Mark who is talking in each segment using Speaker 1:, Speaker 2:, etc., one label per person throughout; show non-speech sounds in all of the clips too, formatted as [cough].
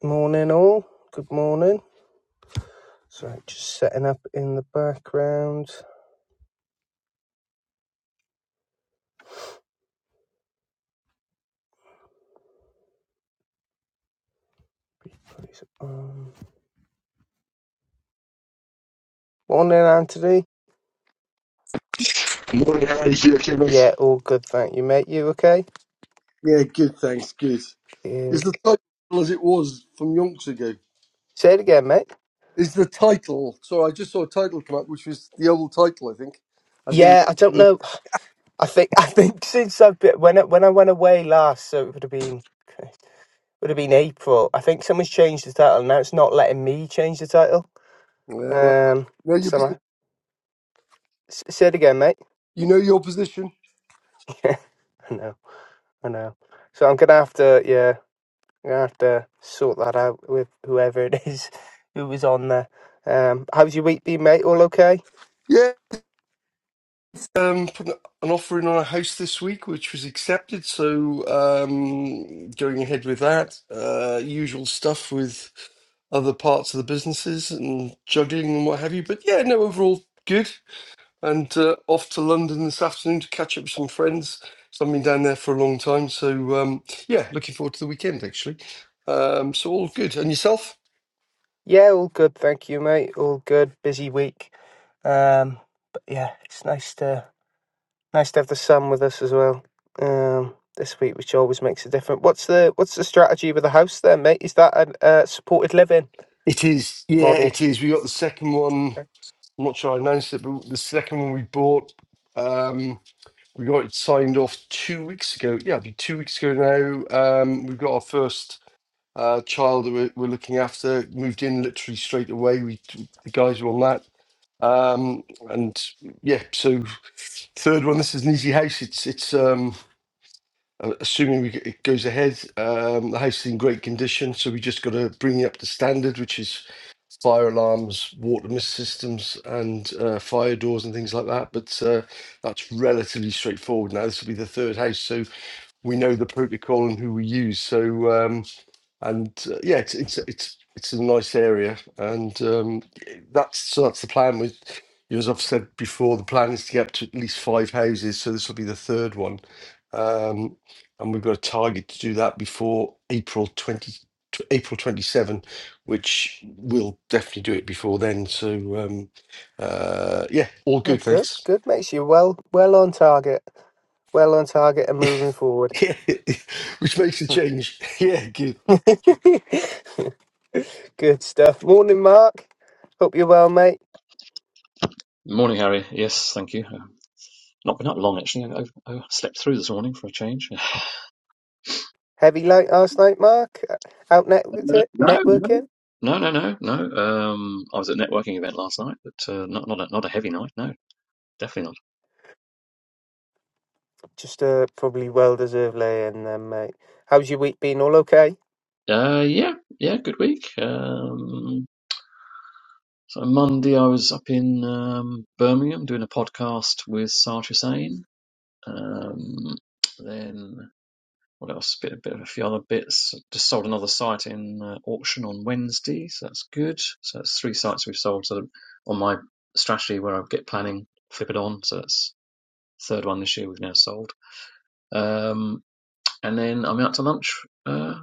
Speaker 1: Morning, all. Good morning. Sorry, just setting up in the background. Morning, Anthony.
Speaker 2: Morning, how are you, okay, mate?
Speaker 1: Yeah, all good. Thank you, mate. You okay?
Speaker 2: Yeah, good, thanks, good. Is
Speaker 1: Good.
Speaker 2: the title as it was from yonks ago?
Speaker 1: Say it again, mate.
Speaker 2: Is the title, sorry, I just saw a title come up, which was the old title, I think, as in,
Speaker 1: Yeah, I don't
Speaker 2: yeah,
Speaker 1: know. I think [laughs] I think since I've been when I, when I went away last, so it would have been would have been April. I think someone's changed the title now. It's not letting me change the title.
Speaker 2: well,
Speaker 1: Um,
Speaker 2: know your
Speaker 1: so
Speaker 2: position.
Speaker 1: I, s- say it again, mate.
Speaker 2: You know your position?
Speaker 1: [laughs] Yeah, I know, I know. So I'm gonna have to. Yeah, You're gonna have to sort that out with whoever it is [laughs] who was on there. Um, how's your week been, mate? All okay?
Speaker 2: Yeah, um, put an an offer in on a house this week, which was accepted, so um, going ahead with that. Uh, usual stuff with other parts of the businesses and juggling and what have you, but yeah, no, overall, good. and uh, off to London this afternoon to catch up with some friends. So I've been down there for a long time. So um, yeah, looking forward to the weekend actually. Um, so all good. And yourself?
Speaker 1: Yeah, all good, thank you, mate. All good. Busy week. Um, but yeah, it's nice to nice to have the sun with us as well. Um, this week, which always makes a difference. What's the what's the strategy with the house there, mate? Is that a uh, supported living
Speaker 2: It is, yeah,
Speaker 1: model?
Speaker 2: it is. We got the second one.
Speaker 1: Okay.
Speaker 2: I'm not sure I announced it, but the second one we bought, um, we got it signed off two weeks ago. Yeah, it'd be two weeks ago now. Um, we've got our first uh, child that we're, we're looking after. Moved in literally straight away. We the guys were on that. Um, and yeah, so third one. This is an easy house. It's it's um, uh, assuming we, g- it goes ahead. Um, the house is in great condition, so we just got to bring it up to standard, which is fire alarms, water mist systems, and uh, fire doors and things like that. But uh, that's relatively straightforward now. This will be the third house, so we know the protocol and who we use. So. Um, and uh, yeah, it's it's it's it's a nice area, and um, that's so that's the plan. With you as I've said before, the plan is to get up to at least five houses, so this will be the third one, um, and we've got a target to do that before April twenty tw- April twenty seven, which we'll definitely do it before then. So um, uh, yeah, all
Speaker 1: Oh,
Speaker 2: good,
Speaker 1: good,
Speaker 2: thanks.
Speaker 1: good, mate. So you're well well on target, well on target, and
Speaker 2: [laughs]
Speaker 1: moving forward.
Speaker 2: Yeah, [laughs] which makes
Speaker 1: [laughs]
Speaker 2: a change. [laughs] Yeah, good.
Speaker 1: [laughs] Good stuff. Morning, Mark. Hope you're well, mate.
Speaker 3: Morning, Harry. Yes, thank you. Um, not been up long actually. I, I, I slept through this morning for a change. [laughs]
Speaker 1: Heavy late last night, Mark. Out networked
Speaker 3: Uh,
Speaker 1: it,
Speaker 3: no, no,
Speaker 1: networking.
Speaker 3: no, no, no. no. Um, I was at a networking event last night, but uh, not not a, not a heavy night. No, definitely
Speaker 1: Just a probably well deserved lay in then, mate. How's your week been? All okay?
Speaker 3: not. Uh, yeah, yeah, good week. Um, so Monday I was up in um, Birmingham doing a podcast with Sarge Hussain. Um, then what else? Bit, a bit of a few other bits. Just sold another site in uh, auction on Wednesday, so that's good. So that's three sites we've sold. So on my strategy where I get planning, flip it on. So that's the third one this year we've now sold. Um, and then I'm out to lunch uh,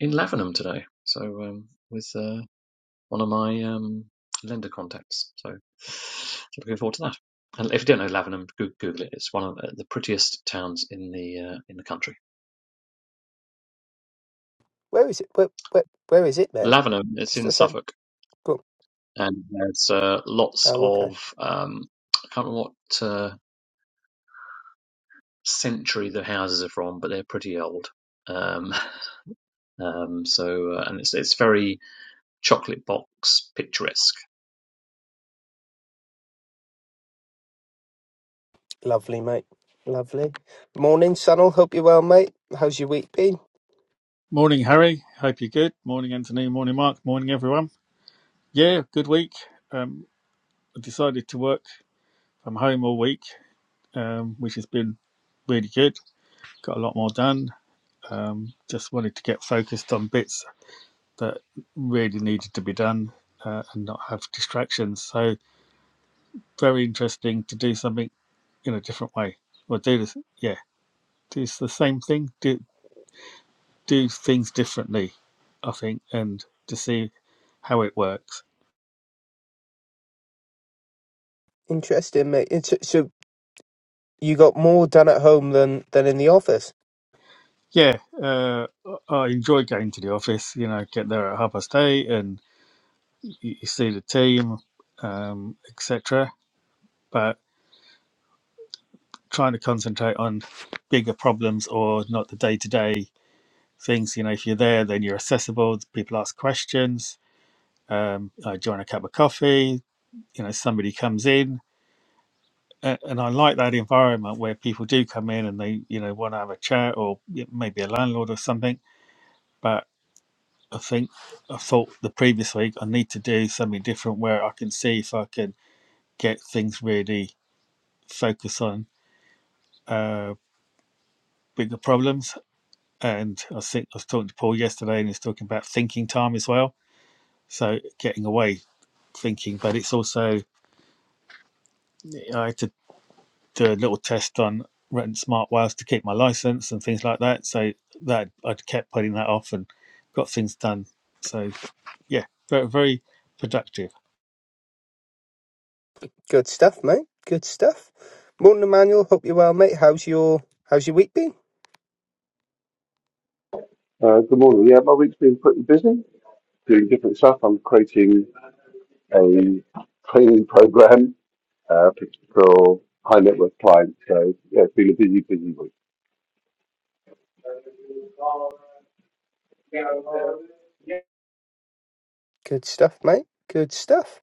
Speaker 3: in Lavenham today. So um, with uh, one of my um, lender contacts. So, so looking forward to that. And if you don't know Lavenham, Google it. It's one of the prettiest towns in the uh, in the country.
Speaker 1: Where is it? Where, where, where is it, mate?
Speaker 3: Lavenham, it's
Speaker 1: Just
Speaker 3: in
Speaker 1: outside.
Speaker 3: Suffolk.
Speaker 1: Go.
Speaker 3: and there's uh, lots
Speaker 1: Oh, okay.
Speaker 3: of um, I can't remember what uh, century the houses are from, but they're pretty old. Um, [laughs] um, so uh, and it's it's very chocolate box picturesque.
Speaker 1: Lovely, mate. Lovely. Morning, Sunil. Hope you're well, mate. How's your week been?
Speaker 4: Morning, Harry. Hope you're good. Morning, Anthony. Morning, Mark. Morning, everyone. Yeah, good week. Um, I decided to work from home all week, um, which has been really good. Got a lot more done. Um, just wanted to get focused on bits that really needed to be done uh, and not have distractions. So very interesting to do something in a different way or do this. Yeah, do the same thing. Do do things differently, I think, and to see how it works
Speaker 1: Interesting, mate. It's, so you got more done at home than than in the office.
Speaker 4: Yeah, uh, I enjoy going to the office. You know, get there at half past eight, and you, you see the team, um, etc. But trying to concentrate on bigger problems or not the day to day things. You know, if you're there, then you're accessible. People ask questions. Um, I join a cup of coffee. You know, somebody comes in. a- And I like that environment where people do come in and they, you know, want to have a chat or yeah, maybe a landlord or something. But I think I thought the previous week I need to do something different where I can see if I can get things really focus on uh, bigger problems. And I think I was talking to Paul yesterday, and he's talking about thinking time as well. So getting away thinking, but it's also I had to do a little test on renting smart wires to keep my license and things like that. So that I kept putting that off and got things done. So yeah, very very productive.
Speaker 1: Good stuff, mate. Good stuff. Morning, Emmanuel. Hope you're well, mate. How's your How's your week been?
Speaker 5: Uh, good morning. Yeah, my week's been pretty busy doing different stuff. I'm creating a training program uh, for high net worth clients. So, yeah, it's been a busy, busy week.
Speaker 1: Good stuff, mate. Good stuff.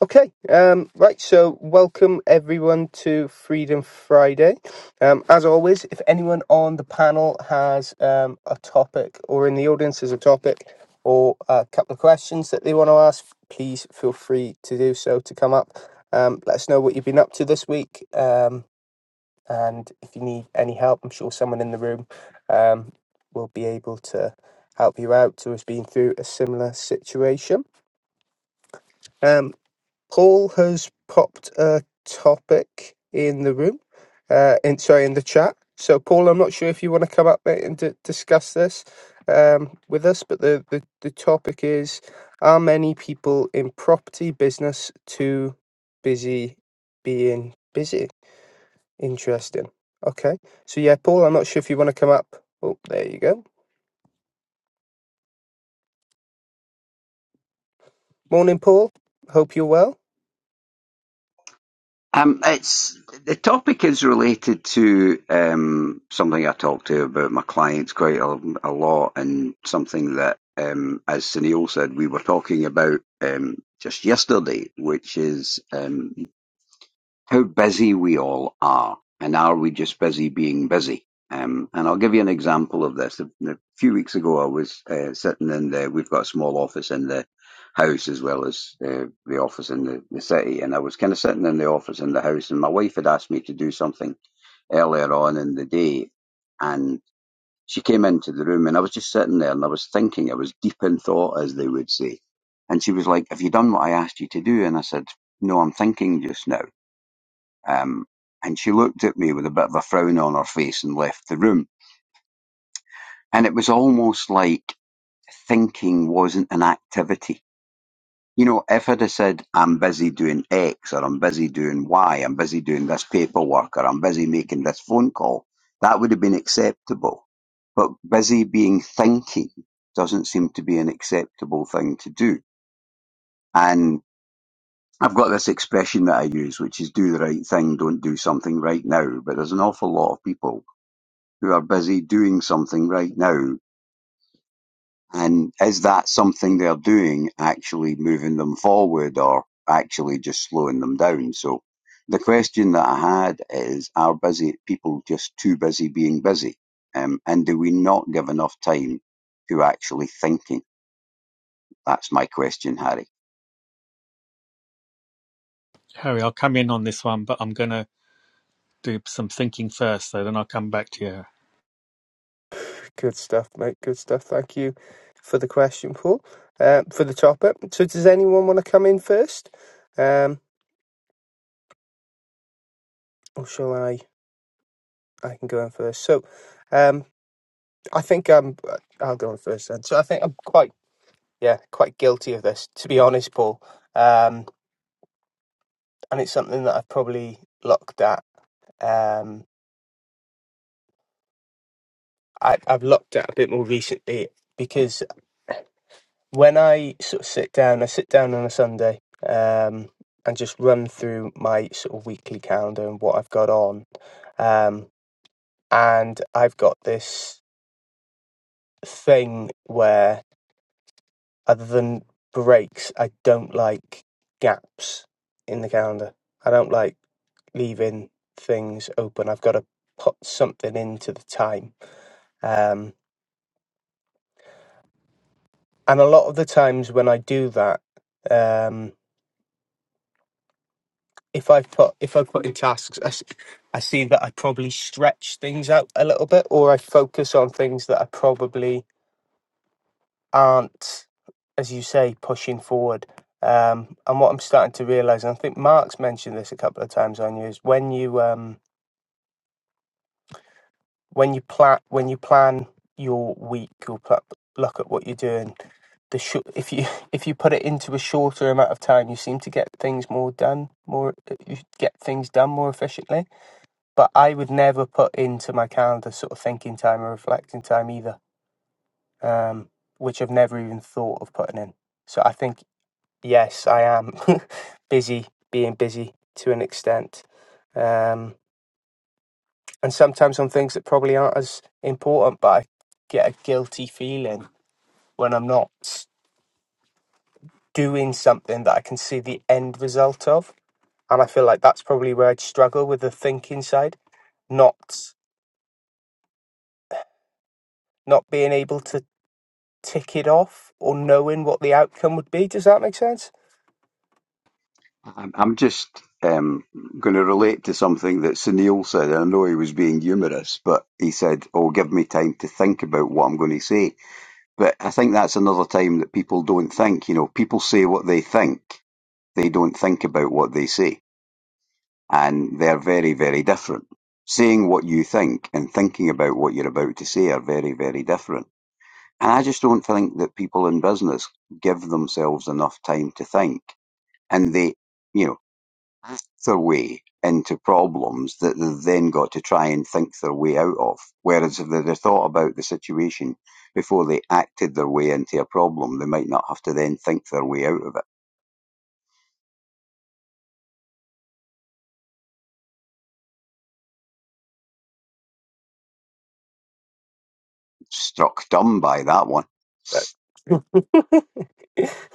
Speaker 1: Okay, um, right. So, welcome everyone to Freedom Friday. Um, as always, if anyone on the panel has um, a topic, or in the audience has a topic, or a couple of questions that they want to ask, please feel free to do so. To come up, um, let us know what you've been up to this week. Um, And if you need any help, I'm sure someone in the room um, will be able to help you out who has been through a similar situation. Um, Paul has popped a topic in the room, uh, in, sorry, in the chat. So, Paul, I'm not sure if you want to come up mate, and d- discuss this um, with us, but the, the, the topic is Are many people in property business too busy being busy? Interesting. Okay. So yeah, Paul, I'm not sure if you want to come up. Oh, there you go. Morning, Paul. Hope you're well.
Speaker 6: Um, it's the topic is related to um, something I talk to about my clients quite a, a lot, and something that, um, as Sunil said, we were talking about um, just yesterday, which is um, how busy we all are and are we just busy being busy um, and I'll give you an example of this. A, a few weeks ago, I was uh, sitting in the. We've got a small office in the house as well as uh, the office in the, the city, and I was kind of sitting in the office in the house, and my wife had asked me to do something earlier on in the day, and she came into the room, and I was just sitting there, and I was thinking, I was deep in thought, as they would say, and she was like, "Have you done what I asked you to do?" And I said, "No, I'm thinking just now." Um, and she looked at me with a bit of a frown on her face and left the room. And it was almost like thinking wasn't an activity. You know, if I'd have said, I'm busy doing X or I'm busy doing Y, I'm busy doing this paperwork or I'm busy making this phone call, that would have been acceptable. But busy being thinking doesn't seem to be an acceptable thing to do. And I've got this expression that I use, which is do the right thing, don't do something right now. But there's an awful lot of people who are busy doing something right now, and is that something they're doing actually moving them forward or actually just slowing them down? So the question that I had is, are busy people just too busy being busy? Um, and do we not give enough time to actually thinking? That's my question, Harry.
Speaker 4: Harry, I'll come in on this one, but I'm gonna do some thinking first, though. Then I'll come back to you.
Speaker 1: [sighs] Good stuff, mate. Good stuff. Thank you for the question, Paul. Uh, for the topic. So does anyone want to come in first? Um, or shall I? I can go in first. So, um, I think I'm. I'll go in first then. So I think I'm quite, yeah, quite guilty of this, to be honest, Paul. Um, and it's something that I've probably looked at. Um, I, I've looked at a bit more recently because when I sort of sit down, I sit down on a Sunday um, and just run through my sort of weekly calendar and what I've got on. Um, and I've got this thing where, other than breaks, I don't like gaps in the calendar. I don't like leaving things open. I've got to put something into the time. Um, and a lot of the times when I do that, um, if I put if I put in tasks, I, s- I see that I probably stretch things out a little bit, or I focus on things that I probably aren't, as you say, pushing forward. Um, and what I'm starting to realize, and I think Mark's mentioned this a couple of times on you, is when you um, when you plan when you plan your week or pla look at what you're doing. The sh- if you [laughs] if you put it into a shorter amount of time, you seem to get things more done, more you get things done more efficiently but I would never put into my calendar sort of thinking time or reflecting time either, um, which I've never even thought of putting in. So I think, yes, I am [laughs] busy being busy to an extent. Um, and sometimes on things that probably aren't as important, but I get a guilty feeling when I'm not doing something that I can see the end result of. And I feel like that's probably where I'd struggle with the thinking side, not not being able to Tick it off or knowing what the outcome would be. Does that make sense?
Speaker 6: I'm just um, going to relate to something that Sunil said. I know he was being humorous, but he said, "Oh, give me time to think about what I'm going to say." But I think that's another time that people don't think. You know, people say what they think. They don't think about what they say. And they're very, very different. Saying what you think and thinking about what you're about to say are very, very different. And I just don't think that people in business give themselves enough time to think. And they, you know, act their way into problems that they've then got to try and think their way out of. Whereas if they'd have thought about the situation before they acted their way into a problem, they might not have to then think their way out of it. Struck dumb by that one.
Speaker 1: Right. [laughs]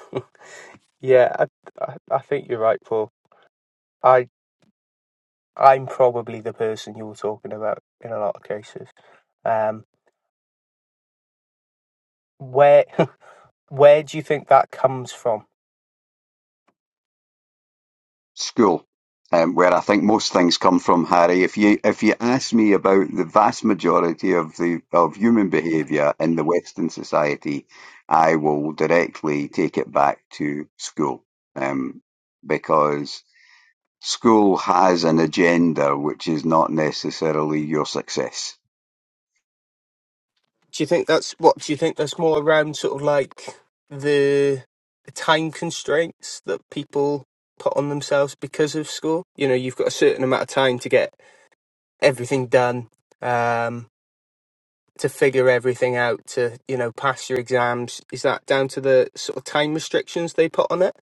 Speaker 1: Yeah, I, I, I think you're right, Paul. I I'm probably the person you were talking about in a lot of cases. Um, where [laughs] where do you think that comes from?
Speaker 6: School. Um, where I think most things come from, Harry. If you if you ask me about the vast majority of the of human behaviour in the Western society, I will directly take it back to school. Um, because School has an agenda which is not necessarily your success.
Speaker 1: Do you think that's what? Do you think that's more around sort of like the the time constraints that people put on themselves because of school? You know, you've got a certain amount of time to get everything done, um, to figure everything out, to you know, pass your exams. Is that down to the sort of time restrictions they put on it?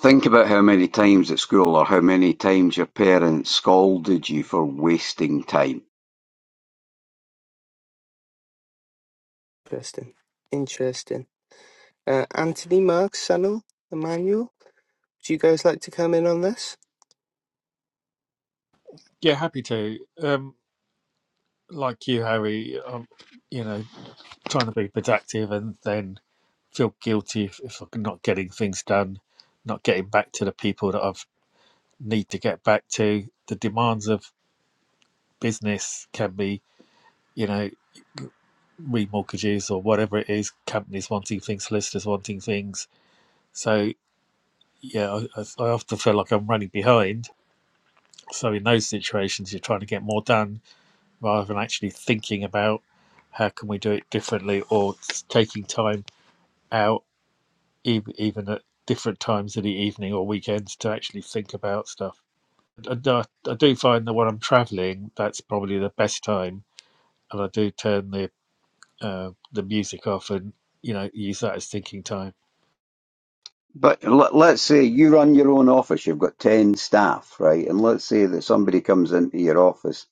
Speaker 6: Think about how many times at school or how many times your parents scolded you for wasting time.
Speaker 1: Interesting, interesting. Uh, Anthony, Mark, Sanal, Emmanuel, do you guys like to come in on this?
Speaker 4: Yeah, happy to. Um, like you, Harry, I'm, you know, trying to be productive and then feel guilty if, if I'm not getting things done, not getting back to the people that I need to get back to. The demands of business can be, you know, remortgages or whatever it is, companies wanting things, solicitors wanting things. So, yeah, I I often feel like I'm running behind. So, in those situations, you're trying to get more done rather than actually thinking about how can we do it differently or taking time out e- even at different times of the evening or weekends to actually think about stuff and I, I do find that when i'm traveling that's probably the best time and i do turn the uh, the music off and you know use that as thinking time
Speaker 6: But let- let's say you run your own office, you've got 10 staff, right? And let's say that somebody comes into your office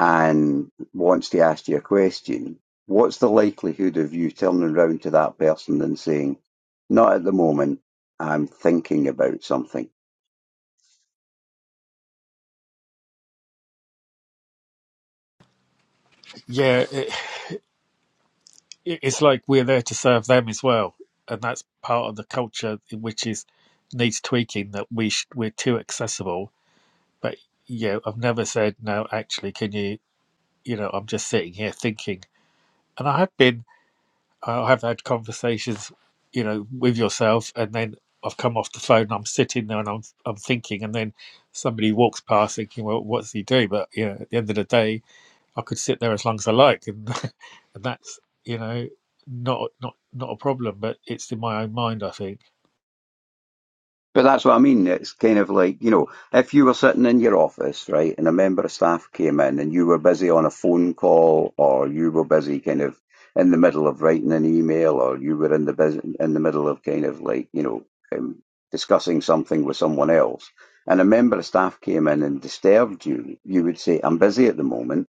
Speaker 6: and wants to ask you a question. What's the likelihood of you turning round to that person and saying, Not at the moment, I'm thinking about something?
Speaker 4: yeah it- it's like we're there to serve them as well and that's part of the culture which is needs tweaking that we sh- we're too accessible but you know, I've never said no. Actually, can you? You know, I'm just sitting here thinking, and I have been. I have had conversations, you know, with yourself, and then I've come off the phone. And I'm sitting there and I'm I'm thinking, and then somebody walks past, thinking, well, what's he doing? But you know, at the end of the day, I could sit there as long as I like, and [laughs] and that's you know not not not a problem. But it's in my own mind, I think.
Speaker 6: But that's what I mean. It's kind of like, you know, if you were sitting in your office, right, and a member of staff came in and you were busy on a phone call or you were busy kind of in the middle of writing an email or you were in the bus- in the middle of kind of like, you know, um, discussing something with someone else and a member of staff came in and disturbed you, you would say, I'm busy at the moment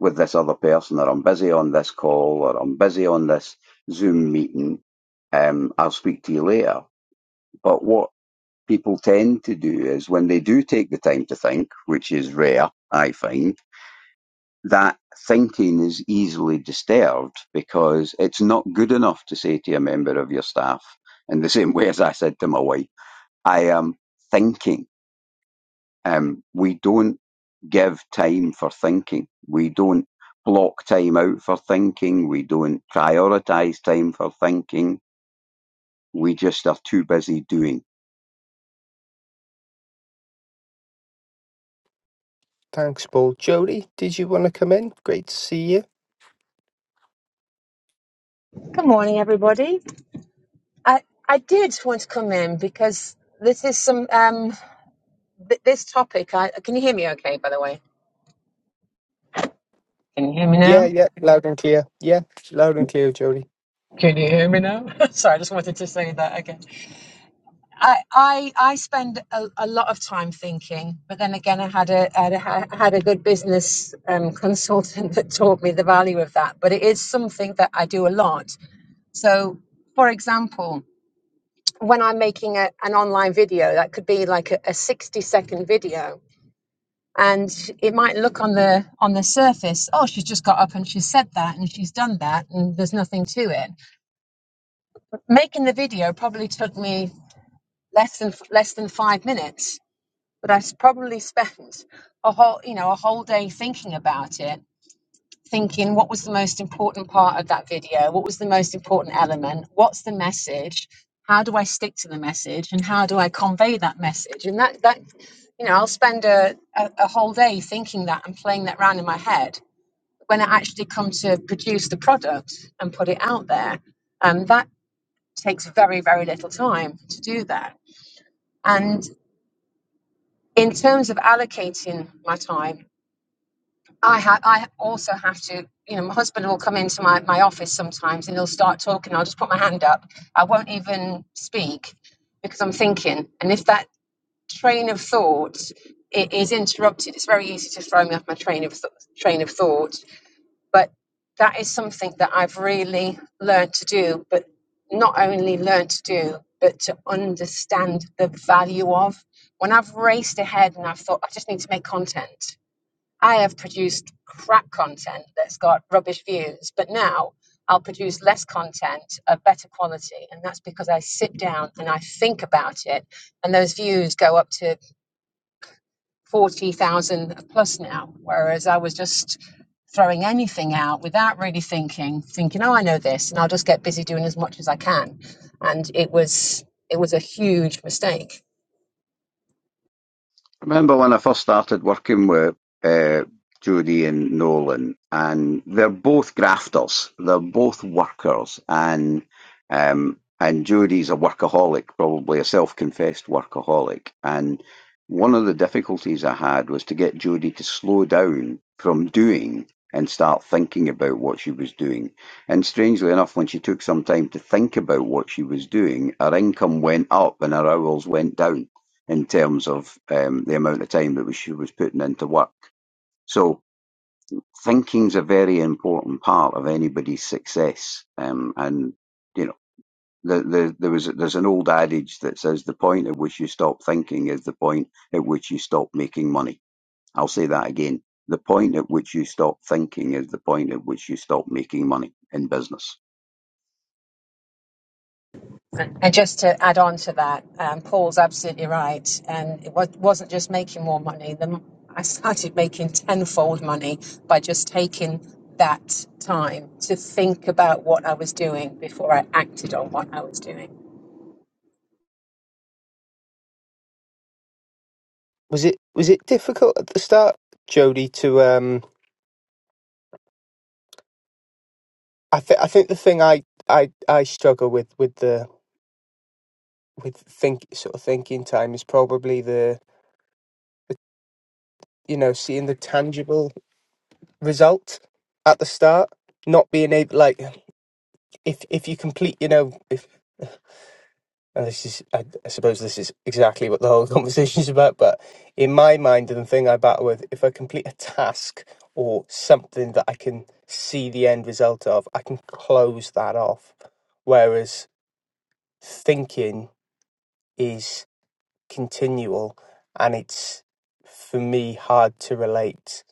Speaker 6: with this other person or I'm busy on this call or I'm busy on this Zoom meeting. Um, I'll speak to you later. But what people tend to do is when they do take the time to think, which is rare, I find, that thinking is easily disturbed because it's not good enough to say to a member of your staff, in the [laughs] same way as I said to my wife, I am thinking. Um, we don't give time for thinking. We don't block time out for thinking. We don't prioritize time for thinking. We just are too busy doing.
Speaker 1: Thanks, Paul. Jody, did you want to come in? Great to see you.
Speaker 7: Good morning, everybody. I, I did want to come in because this is some um th- this topic. I can you hear me? Okay, by the way. Can you hear me
Speaker 1: Yeah,
Speaker 7: now?
Speaker 1: yeah, loud and clear. Yeah, loud and clear, Jody.
Speaker 7: Can you hear me now? [laughs] Sorry, I just wanted to say that again. I I, I spend a, a lot of time thinking, but then again, I had a had a, I had a good business um, consultant [laughs] that taught me the value of that. But it is something that I do a lot. So, for example, when I'm making a, an online video, that could be like a, a 60 second video and it might look on the on the surface oh she's just got up and she's said that and she's done that and there's nothing to it making the video probably took me less than less than 5 minutes but i s- probably spent a whole you know a whole day thinking about it thinking what was the most important part of that video what was the most important element what's the message how do i stick to the message and how do i convey that message and that that you know i'll spend a, a, a whole day thinking that and playing that round in my head when it actually comes to produce the product and put it out there. Um, that takes very, very little time to do that. And in terms of allocating my time, I ha- I also have to, you know, my husband will come into my, my office sometimes and he'll start talking. I'll just put my hand up. I won't even speak because I'm thinking. And if that train of thought i- is interrupted, it's very easy to throw me off my train of th- train of thought But that is something that I've really learned to do, but not only learned to do, but to understand the value of. When I've raced ahead and I've thought, I just need to make content, I have produced crap content that's got rubbish views, but now I'll produce less content of better quality. And that's because I sit down and I think about it, and those views go up to 40,000 plus now, whereas I was just throwing anything out without really thinking, thinking, oh, I know this, and I'll just get busy doing as much as I can. And it was it was a huge mistake.
Speaker 6: I remember when I first started working with uh, Judy and Nolan, and they're both grafters. They're both workers, and um, and Judy's a workaholic, probably a self-confessed workaholic. And one of the difficulties I had was to get Judy to slow down from doing and start thinking about what she was doing. And strangely enough, when she took some time to think about what she was doing, her income went up and her hours went down in terms of um, the amount of time that she was putting into work. So thinking's a very important part of anybody's success. Um, and you know, the, the, there was there's an old adage that says the point at which you stop thinking is the point at which you stop making money. I'll say that again. The point at which you stop thinking is the point at which you stop making money in business.
Speaker 7: And just to add on to that, um, Paul's absolutely right. And it wa- wasn't just making more money. The, m- I started making tenfold money by just taking that time to think about what I was doing before I acted on what I was doing.
Speaker 1: Was it was it difficult at the start, Jody? To um, I think I think the thing I I I struggle with with the with think sort of thinking time is probably the you know seeing the tangible result at the start, not being able like if if you complete, you know, if and this is I, I suppose this is exactly what the whole [laughs] conversation is about, but in my mind and the thing I battle with, if I complete a task or something that I can see the end result of, I can close that off. Whereas thinking is continual and it's for me hard to relate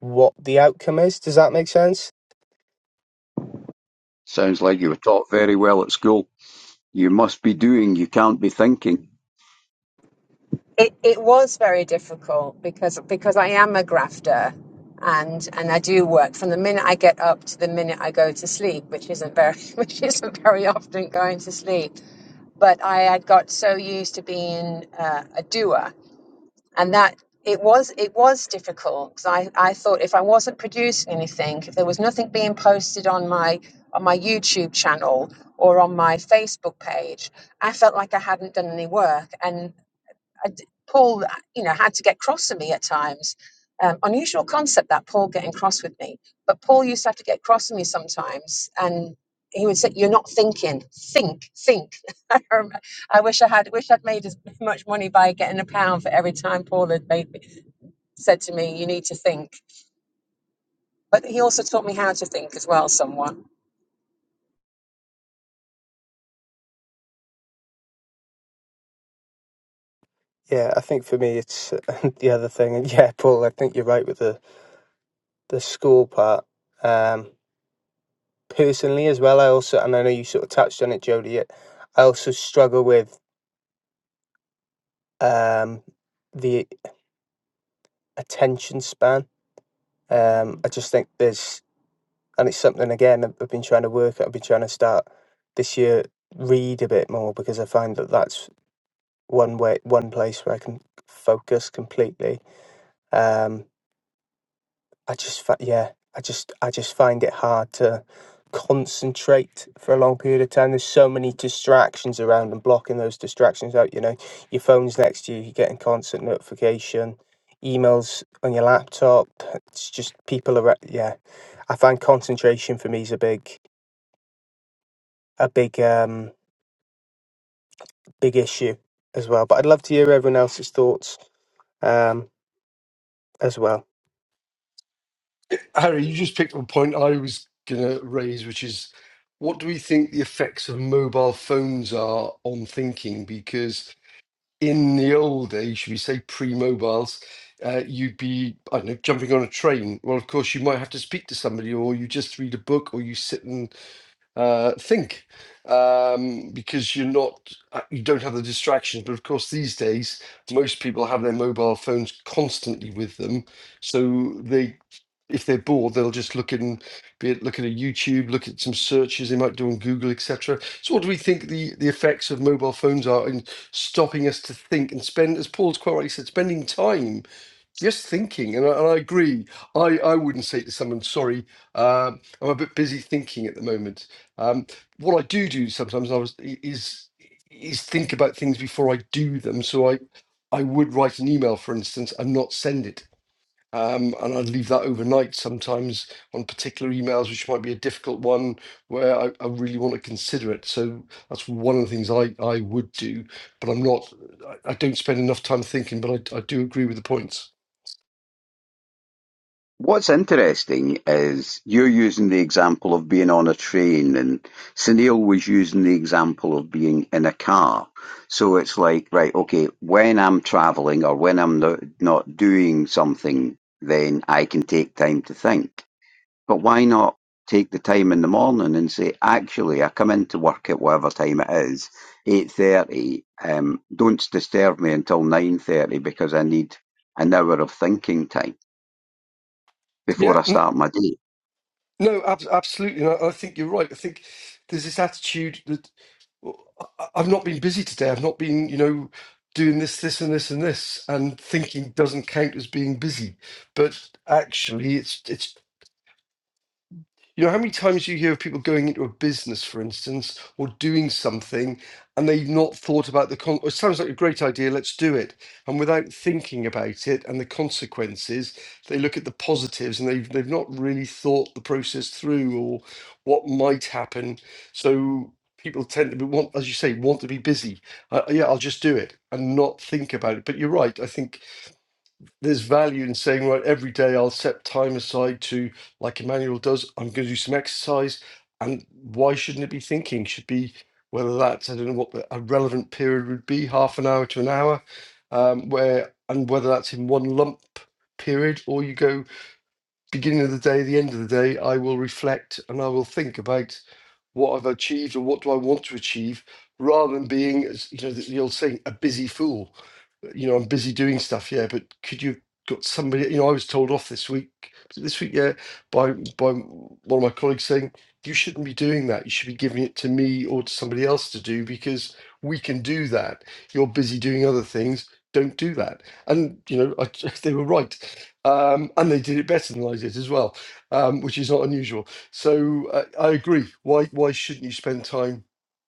Speaker 1: what the outcome is. Does that make sense?
Speaker 6: Sounds like you were taught very well at school. You must be doing, you can't be thinking.
Speaker 7: It, it was very difficult because because I am a grafter and and I do work from the minute I get up to the minute I go to sleep, which isn't very [laughs] which isn't very often going to sleep but I had got so used to being uh, a doer, and that it was it was difficult because I, I thought if I wasn't producing anything, if there was nothing being posted on my on my YouTube channel or on my Facebook page, I felt like I hadn't done any work, and. I d Paul, uh, you know, had to get cross with me at times. Um, unusual concept that Paul getting cross with me, but Paul used to have to get cross with me sometimes, and he would say, "You're not thinking. Think, think." [laughs] I rem- I wish I had. Wish I'd made as much money by getting a pound for every time Paul had made me, said to me, "You need to think." But he also taught me how to think as well, somewhat.
Speaker 1: Yeah, I think for me it's [laughs] the other thing. And yeah, Paul, I think you're right with the the school part. Um, personally, as well, I also and I know you sort of touched on it, Jodie. it- I also struggle with um, the attention span. Um, I just think there's, and it's something again I've I've been trying to work. at. I've been trying to start this year read a bit more because I find that that's one way, one place where I can focus completely. Um, I just, fi- yeah, I just, I just find it hard to concentrate for a long period of time. There's so many distractions around, and blocking those distractions out. You know, your phone's next to you, you're getting constant notification, emails on your laptop. It's just people are, yeah. I find concentration for me is a big, a big, um, big issue as well. But I'd love to hear everyone else's thoughts um, as well.
Speaker 2: Harry, you just picked up a point I was going to raise, which is what do we think the effects of mobile phones are on thinking? Because in the old days, should we say pre mobiles, uh, you'd be, I don't know, jumping on a train. Well, of course, you might have to speak to somebody, or you just read a book, or you sit and uh, think um, because you're not uh, you don't have the distractions. But of course, these days most people have their mobile phones constantly with them, so they if they're bored they'll just look in be it look at a YouTube, look at some searches they might do on Google, etc. So what do we think the the effects of mobile phones are in stopping us to think and spend, as Paul's quite rightly said, spending time just thinking, and I, and I agree. I, I wouldn't say to someone, sorry, um, I'm a bit busy thinking at the moment. Um, what I do do sometimes I was, i- is is think about things before I do them. So I I would write an email, for instance, and not send it. Um, and I'd leave that overnight sometimes on particular emails, which might be a difficult one where I, I really want to consider it. So that's one of the things I, I would do, but I'm not, I, I don't spend enough time thinking, but I, I do agree with the points.
Speaker 6: What's interesting is you're using the example of being on a train, and Sunil was using the example of being in a car. So it's like, right, okay, when I'm traveling or when I'm no- not doing something, then I can take time to think. But why not take the time in the morning and say, actually, I come into work at whatever time it is, eight thirty. Um, don't disturb me until nine thirty because I need an hour of thinking time before
Speaker 2: Yeah,
Speaker 6: I
Speaker 2: n-
Speaker 6: start my day.
Speaker 2: no, ab- absolutely. And I, I think you're right. I think there's this attitude that well, I- I've not been busy today. I've not been, you know, doing this, this, and this, and this, and thinking doesn't count as being busy. But actually, it's it's you know, how many times you hear of people going into a business, for instance, or doing something, and they've not thought about the con. It sounds like a great idea. Let's do it, and without thinking about it and the consequences, they look at the positives, and they've they've not really thought the process through or what might happen. So people tend to be, want, as you say, want to be busy. Uh, yeah, I'll just do it and not think about it. But you're right. I think there's value in saying, right, every day I'll set time aside to, like Emmanuel does, I'm going to do some exercise. And why shouldn't it be thinking? Should be whether that's, I don't know what the, a relevant period would be, half an hour to an hour, um, where, and whether that's in one lump period or you go beginning of the day, the end of the day, I will reflect and I will think about what I've achieved or what do I want to achieve rather than being, as you know, the, the old saying, a busy fool you know, I'm busy doing stuff, yeah, but could you got somebody, you know, I was told off this week, was it this week, yeah, by by one of my colleagues saying, you shouldn't be doing that. You should be giving it to me or to somebody else to do because we can do that. You're busy doing other things. Don't do that. And, you know, I, [laughs] they were right. Um, and they did it better than I did as well, um, which is not unusual. So uh, I agree. Why, why shouldn't you spend time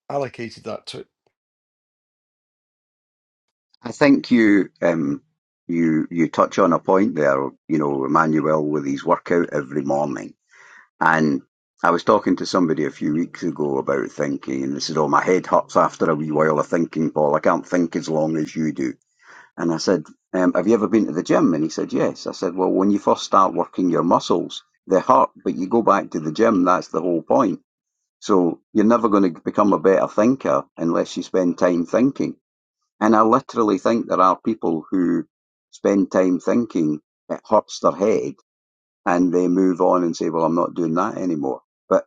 Speaker 2: allocated that to?
Speaker 6: I think you um, you you touch on a point there, you know, Emmanuel, with his workout every morning. And I was talking to somebody a few weeks ago about thinking, and they said, "Oh, my head hurts after a wee while of thinking, Paul. I can't think as long as you do." And I said, um, "Have you ever been to the gym?" And he said, "Yes." I said, "Well, when you first start working your muscles, they hurt, but you go back to the gym. That's the whole point." So you're never going to become a better thinker unless you spend time thinking. And I literally think there are people who spend time thinking it hurts their head and they move on and say, well, I'm not doing that anymore. But,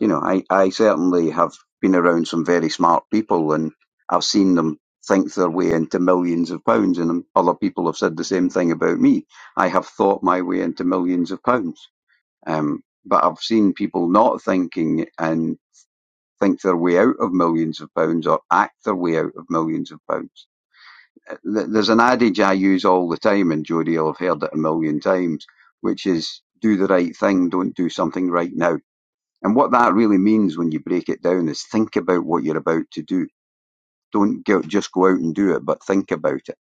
Speaker 6: you know, I, I certainly have been around some very smart people and I've seen them think their way into millions of pounds and other people have said the same thing about me. I have thought my way into millions of pounds. Um, but I've seen people not thinking and think their way out of millions of pounds or act their way out of millions of pounds there's an adage I use all the time, and Jody will have heard it a million times, which is do the right thing, don't do something right now. And what that really means when you break it down is think about what you're about to do. Don't go, just go out and do it, but think about it.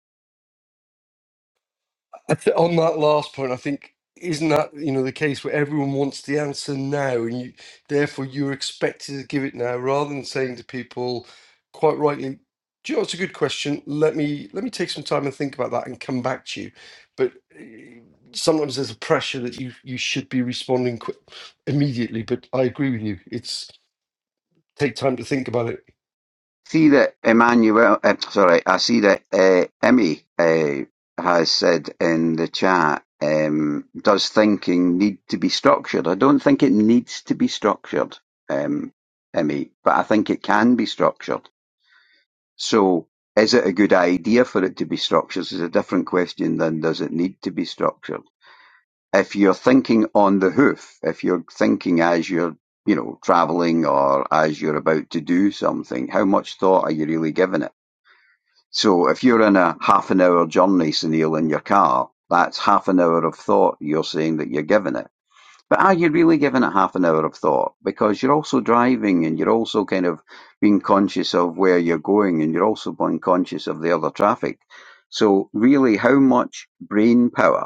Speaker 2: I th- on that last point, I think isn't that you know the case where everyone wants the answer now, and you therefore you're expected to give it now, rather than saying to people, quite rightly, "Do you know it's a good question? Let me let me take some time and think about that and come back to you." But eh, sometimes there's a pressure that you you should be responding quick, immediately. But I agree with you. It's take time to think about it.
Speaker 6: See that Emmanuel, uh, sorry, I see that uh, Emmy uh, has said in the chat, um, does thinking need to be structured? I don't think it needs to be structured, um, Emmy, but I think it can be structured So, is it a good idea for it to be structured is a different question than does it need to be structured. If you're thinking on the hoof, if you're thinking as you're, you know, traveling or as you're about to do something, how much thought are you really giving it? So if you're in a half an hour journey, Sunil, in your car, that's half an hour of thought you're saying that you're giving it but are you really giving it half an hour of thought? Because you're also driving and you're also kind of being conscious of where you're going and you're also being conscious of the other traffic. So really, how much brain power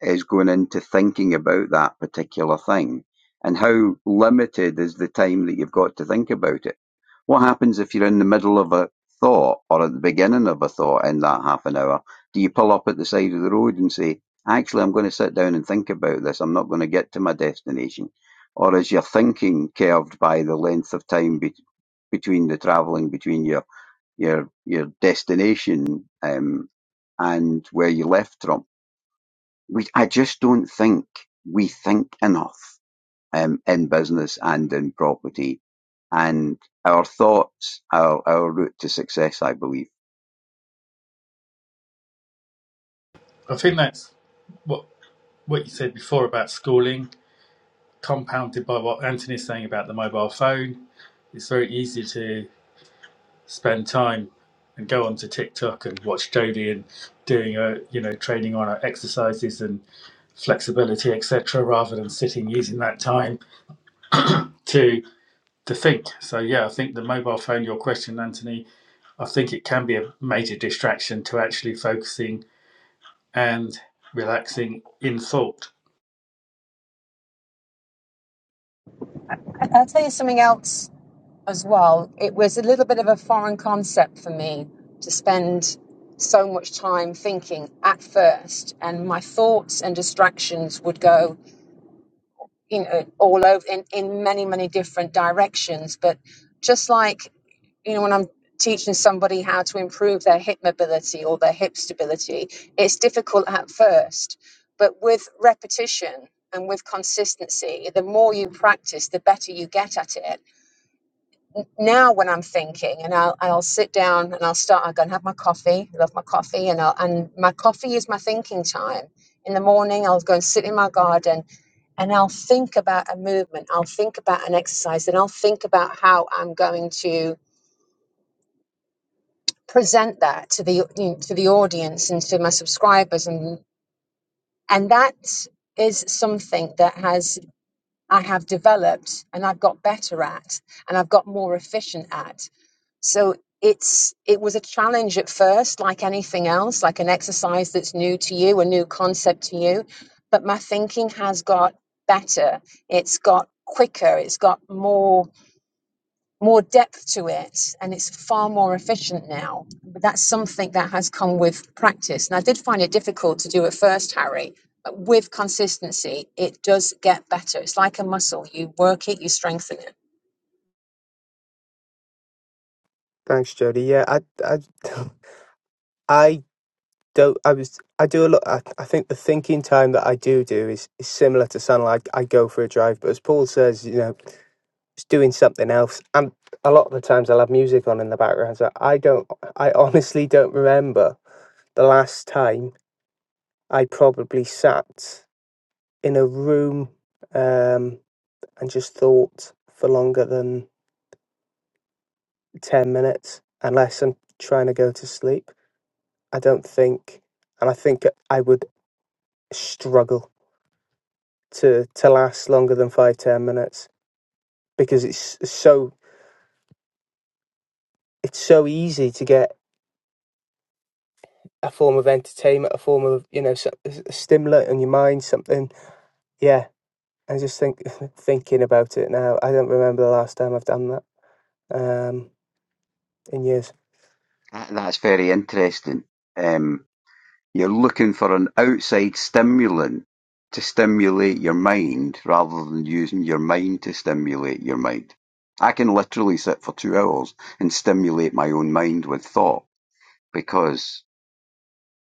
Speaker 6: is going into thinking about that particular thing and how limited is the time that you've got to think about it. What happens if you're in the middle of a thought or at the beginning of a thought in that half an hour? Do you pull up at the side of the road and say, actually, I'm going to sit down and think about this. I'm not going to get to my destination. Or is your thinking curved by the length of time be- between the travelling between your, your, your destination, um, and where you left from? we I just don't think we think enough um, in business and in property, and our thoughts are our route to success. I believe
Speaker 4: I think that's what what you said before about schooling, compounded by what Anthony's saying about the mobile phone. it's very easy to spend time and go onto TikTok and watch Jodie and doing a you know training on her exercises and flexibility etc. Rather than sitting using that time to to think. So yeah, I think the mobile phone. Your question, Anthony. I think it can be a major distraction to actually focusing and relaxing in thought.
Speaker 7: I- I'll tell you something else as well, it was a little bit of a foreign concept for me to spend so much time thinking at first, and my thoughts and distractions would go, you know, all over in, in many, many different directions. But just like, you know, when I'm teaching somebody how to improve their hip mobility or their hip stability, it's difficult at first, but with repetition and with consistency, the more you practice, the better you get at it now when I'm thinking and I'll, I'll sit down and I'll start, I'll go and have my coffee, love my coffee. And I'll, and my coffee is my thinking time in the morning. I'll go and sit in my garden and I'll think about a movement. I'll think about an exercise and I'll think about how I'm going to present that to the, you know, to the audience and to my subscribers. And, and that is something that has, I have developed and I've got better at and I've got more efficient at So it's it was a challenge at first, like anything else, like an exercise that's new to you, a new concept to you. But my thinking has got better. It's got quicker. It's got more more depth to it and it's far more efficient now. But that's something that has come with practice. And I did find it difficult to do at first, Harry, but with consistency, it does get better. It's like a muscle. You work it, you strengthen it.
Speaker 1: Thanks, Jody. Yeah, I, I, [laughs] I don't I was I do a lot I, I think the thinking time that I do do is, is similar to San I, I go for a drive but as Paul says you know it's doing something else and a lot of the times I'll have music on in the background so I don't I [laughs] honestly don't remember the last time I probably sat in a room um and just thought for longer than 10 minutes unless I'm trying to go to sleep I don't think and I think I would struggle to to last longer than five ten minutes because it's so it's so easy to get a form of entertainment, a form of you know so- a stimulant in your mind, something. Yeah, I just think [laughs] thinking about it now. I don't remember the last time I've done that um, in years.
Speaker 6: That- that's very interesting. Um, you're looking for an outside stimulant to stimulate your mind rather than using your mind to stimulate your mind. I can literally sit for two hours and stimulate my own mind with thought because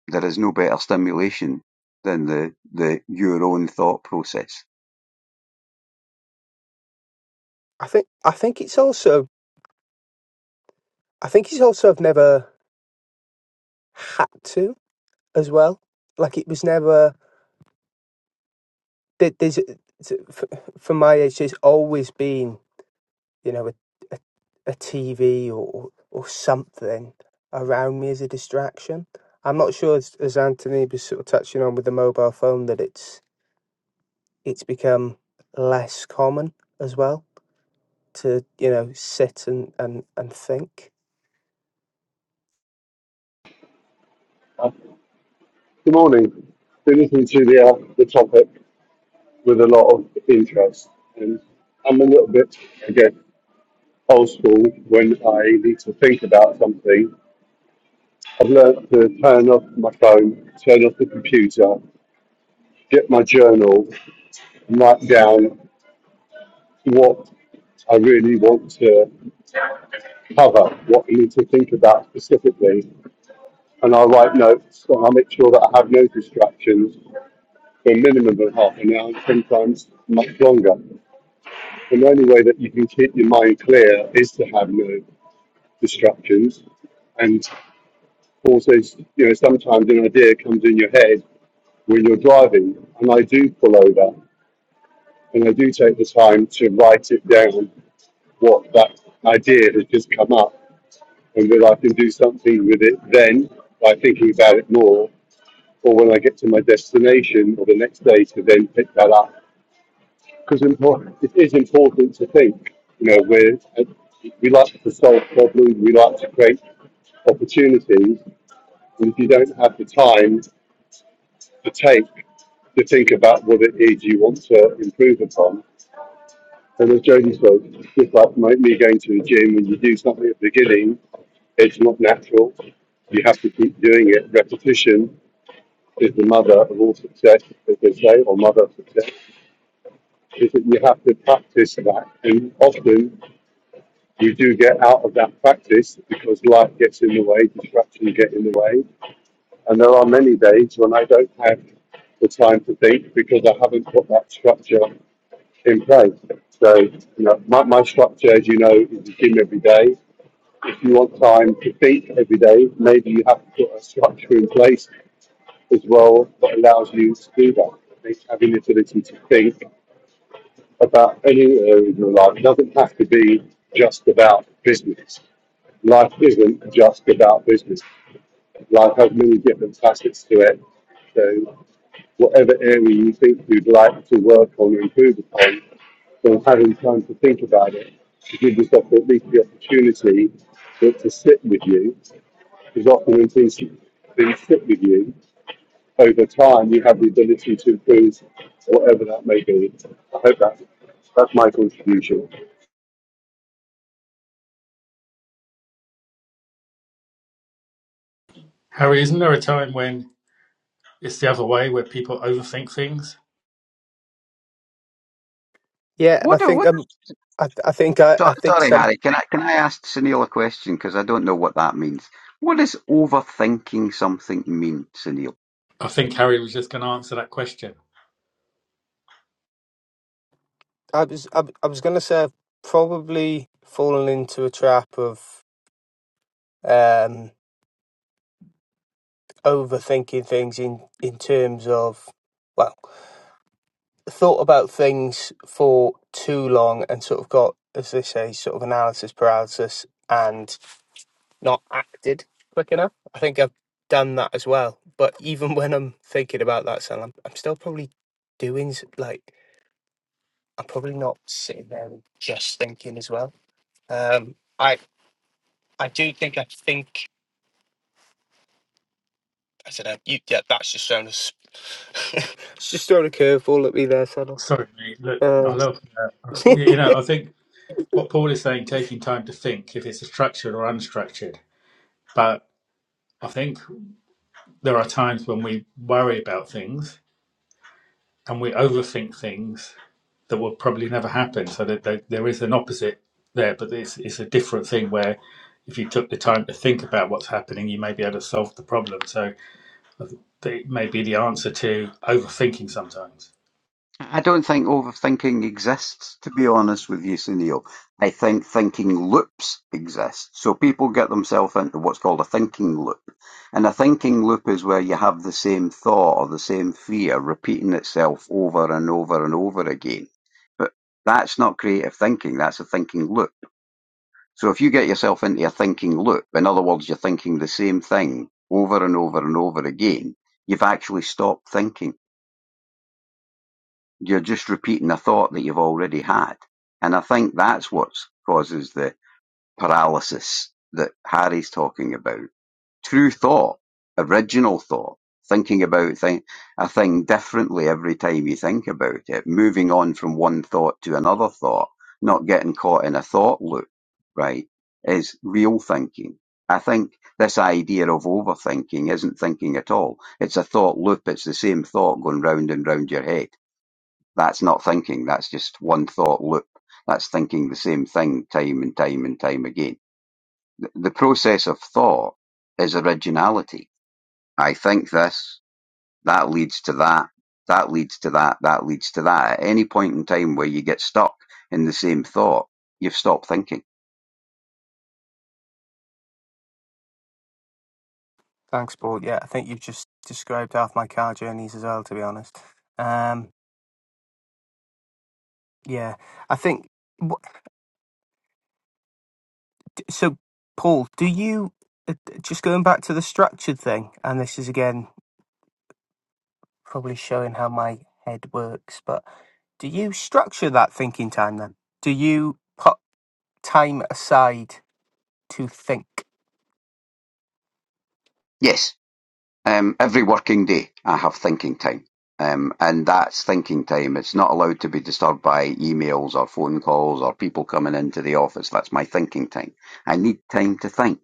Speaker 6: There is no better stimulation than the, the your own thought process.
Speaker 1: I think I think it's also I think it's also I've never had to as well. Like it was never there's for my age. There's always been you know, a, a, a TV or, or something around me as a distraction. I'm not sure, as, as Anthony was sort of touching on with the mobile phone, that it's it's become less common as well to you know sit and and, and think.
Speaker 5: Uh, Good morning. Been listening to the, uh, the topic with a lot of interest. And I'm a little bit, again, old school when I need to think about something. I've learned to turn off my phone, turn off the computer, get my journal, and write down what I really want to cover what we need to think about specifically, and I'll write notes, and I'll make sure that I have no distractions for a minimum of half an hour, sometimes much longer. And the only way that you can keep your mind clear is to have no distractions. And also, you know, sometimes an idea comes in your head when you're driving, and I do pull over and I do take the time to write it down what that idea has just come up and will I can do something with it then by thinking about it more, or when I get to my destination or the next day to then pick that up. Because it is important to think. You know, we're, we like to solve problems, we like to create opportunities, and if you don't have the time to take to think about what it is you want to improve upon, And as Jody spoke, just like my- me going to the gym, when you do something at the beginning, it's not natural. You have to keep doing it. Repetition is the mother of all success, as they say, or mother of success. Is that you have to practice that, and often you do get out of that practice because life gets in the way, distractions get in the way, and there are many days when I don't have the time to think because I haven't got that structure in place. So, you know, my, my structure, as you know, is the gym every day. If you want time to think every day, maybe you have to put a structure in place as well that allows you to do that. I think Having the ability to think about any area of your life It doesn't have to be just about business. Life isn't just about business. Life has many different facets to it. So whatever area you think you'd like to work on and improve upon, or having time to think about it, to give yourself at least the opportunity for it to sit with you, is often when things, things sit with you, over time you have the ability to improve whatever that may be. I hope that, that's my contribution.
Speaker 4: Harry, isn't there a time when it's the other way where people overthink things?
Speaker 1: Yeah, and
Speaker 6: What
Speaker 1: I
Speaker 6: do, what
Speaker 1: think
Speaker 6: is,
Speaker 1: um, I I think I I
Speaker 6: so-
Speaker 1: think
Speaker 6: sorry,
Speaker 1: some
Speaker 6: Harry, can I, can I ask Sunil a question? Because I don't know what that means. What does overthinking something mean, Sunil?
Speaker 4: I think Harry was just going to answer that question.
Speaker 1: I was I, I was gonna say I've probably fallen into a trap of um overthinking things in in terms of well. thought about things for too long and sort of got, as they say, sort of analysis paralysis and not acted quick enough. I think I've done that as well. But even [laughs] when I'm thinking about that, Sal, I'm, I'm still probably doing s- like I'm probably not sitting there and just thinking as well. Um, I I do think I think I don't know. You, yeah, that's just thrown a s- [laughs] it's just thrown a curveball at me there, Sal.
Speaker 4: Sorry, mate. Look, I
Speaker 1: Um,
Speaker 4: love uh, you know. I think
Speaker 1: [laughs]
Speaker 4: what Paul is saying, taking time to think, if it's structured or unstructured. But I think there are times when we worry about things and we overthink things that will probably never happen. So that there, there is an opposite there, but it's it's a different thing where if you took the time to think about what's happening, you may be able to solve the problem. So that may be the answer to overthinking sometimes.
Speaker 6: I don't think overthinking exists, to be honest with you, Sunil. I think thinking loops exist. So people get themselves into what's called a thinking loop. And a thinking loop is where you have the same thought or the same fear repeating itself over and over and over again. But that's not creative thinking, that's a thinking loop. So if you get yourself into a thinking loop, in other words, you're thinking the same thing over and over and over again, you've actually stopped thinking. You're just repeating a thought that you've already had. And I think that's what causes the paralysis that Harry's talking about. True thought, original thought, thinking about thing, a thing differently every time you think about it, moving on from one thought to another thought, not getting caught in a thought loop, right, is real thinking. I think this idea of overthinking isn't thinking at all. It's a thought loop. It's the same thought going round and round your head that's not thinking. That's just one thought loop. That's thinking the same thing time and time and time again. The process of thought is originality. I think this, that leads to that, that leads to that, that leads to that. At any point in time where you get stuck in the same thought, you've stopped thinking.
Speaker 1: Thanks, Paul. Yeah, I think you've just described half my car journeys as well, to be honest. Um, yeah, I think what, so. Paul, do you uh, just going back to the structured thing? And this is again probably showing how my head works, but do you structure that thinking time then? Do you put time aside to think?
Speaker 6: Yes. Um, every working day, I have thinking time. Um, and that's thinking time. It's not allowed to be disturbed by emails or phone calls or people coming into the office. That's my thinking time. I need time to think.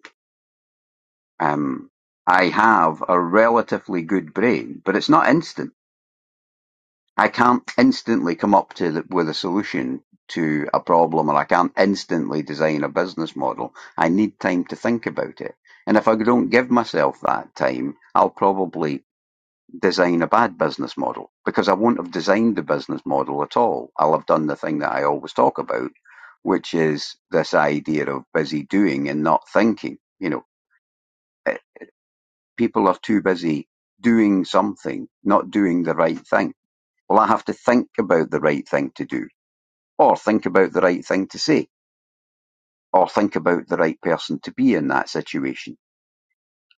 Speaker 6: Um, I have a relatively good brain, but it's not instant. I can't instantly come up to the, with a solution to a problem or I can't instantly design a business model. I need time to think about it. And if I don't give myself that time, I'll probably design a bad business model because I won't have designed the business model at all. I'll have done the thing that I always talk about, which is this idea of busy doing and not thinking. You know, eh, people are too busy doing something, not doing the right thing. Well, I have to think about the right thing to do, or think about the right thing to say, or think about the right person to be in that situation.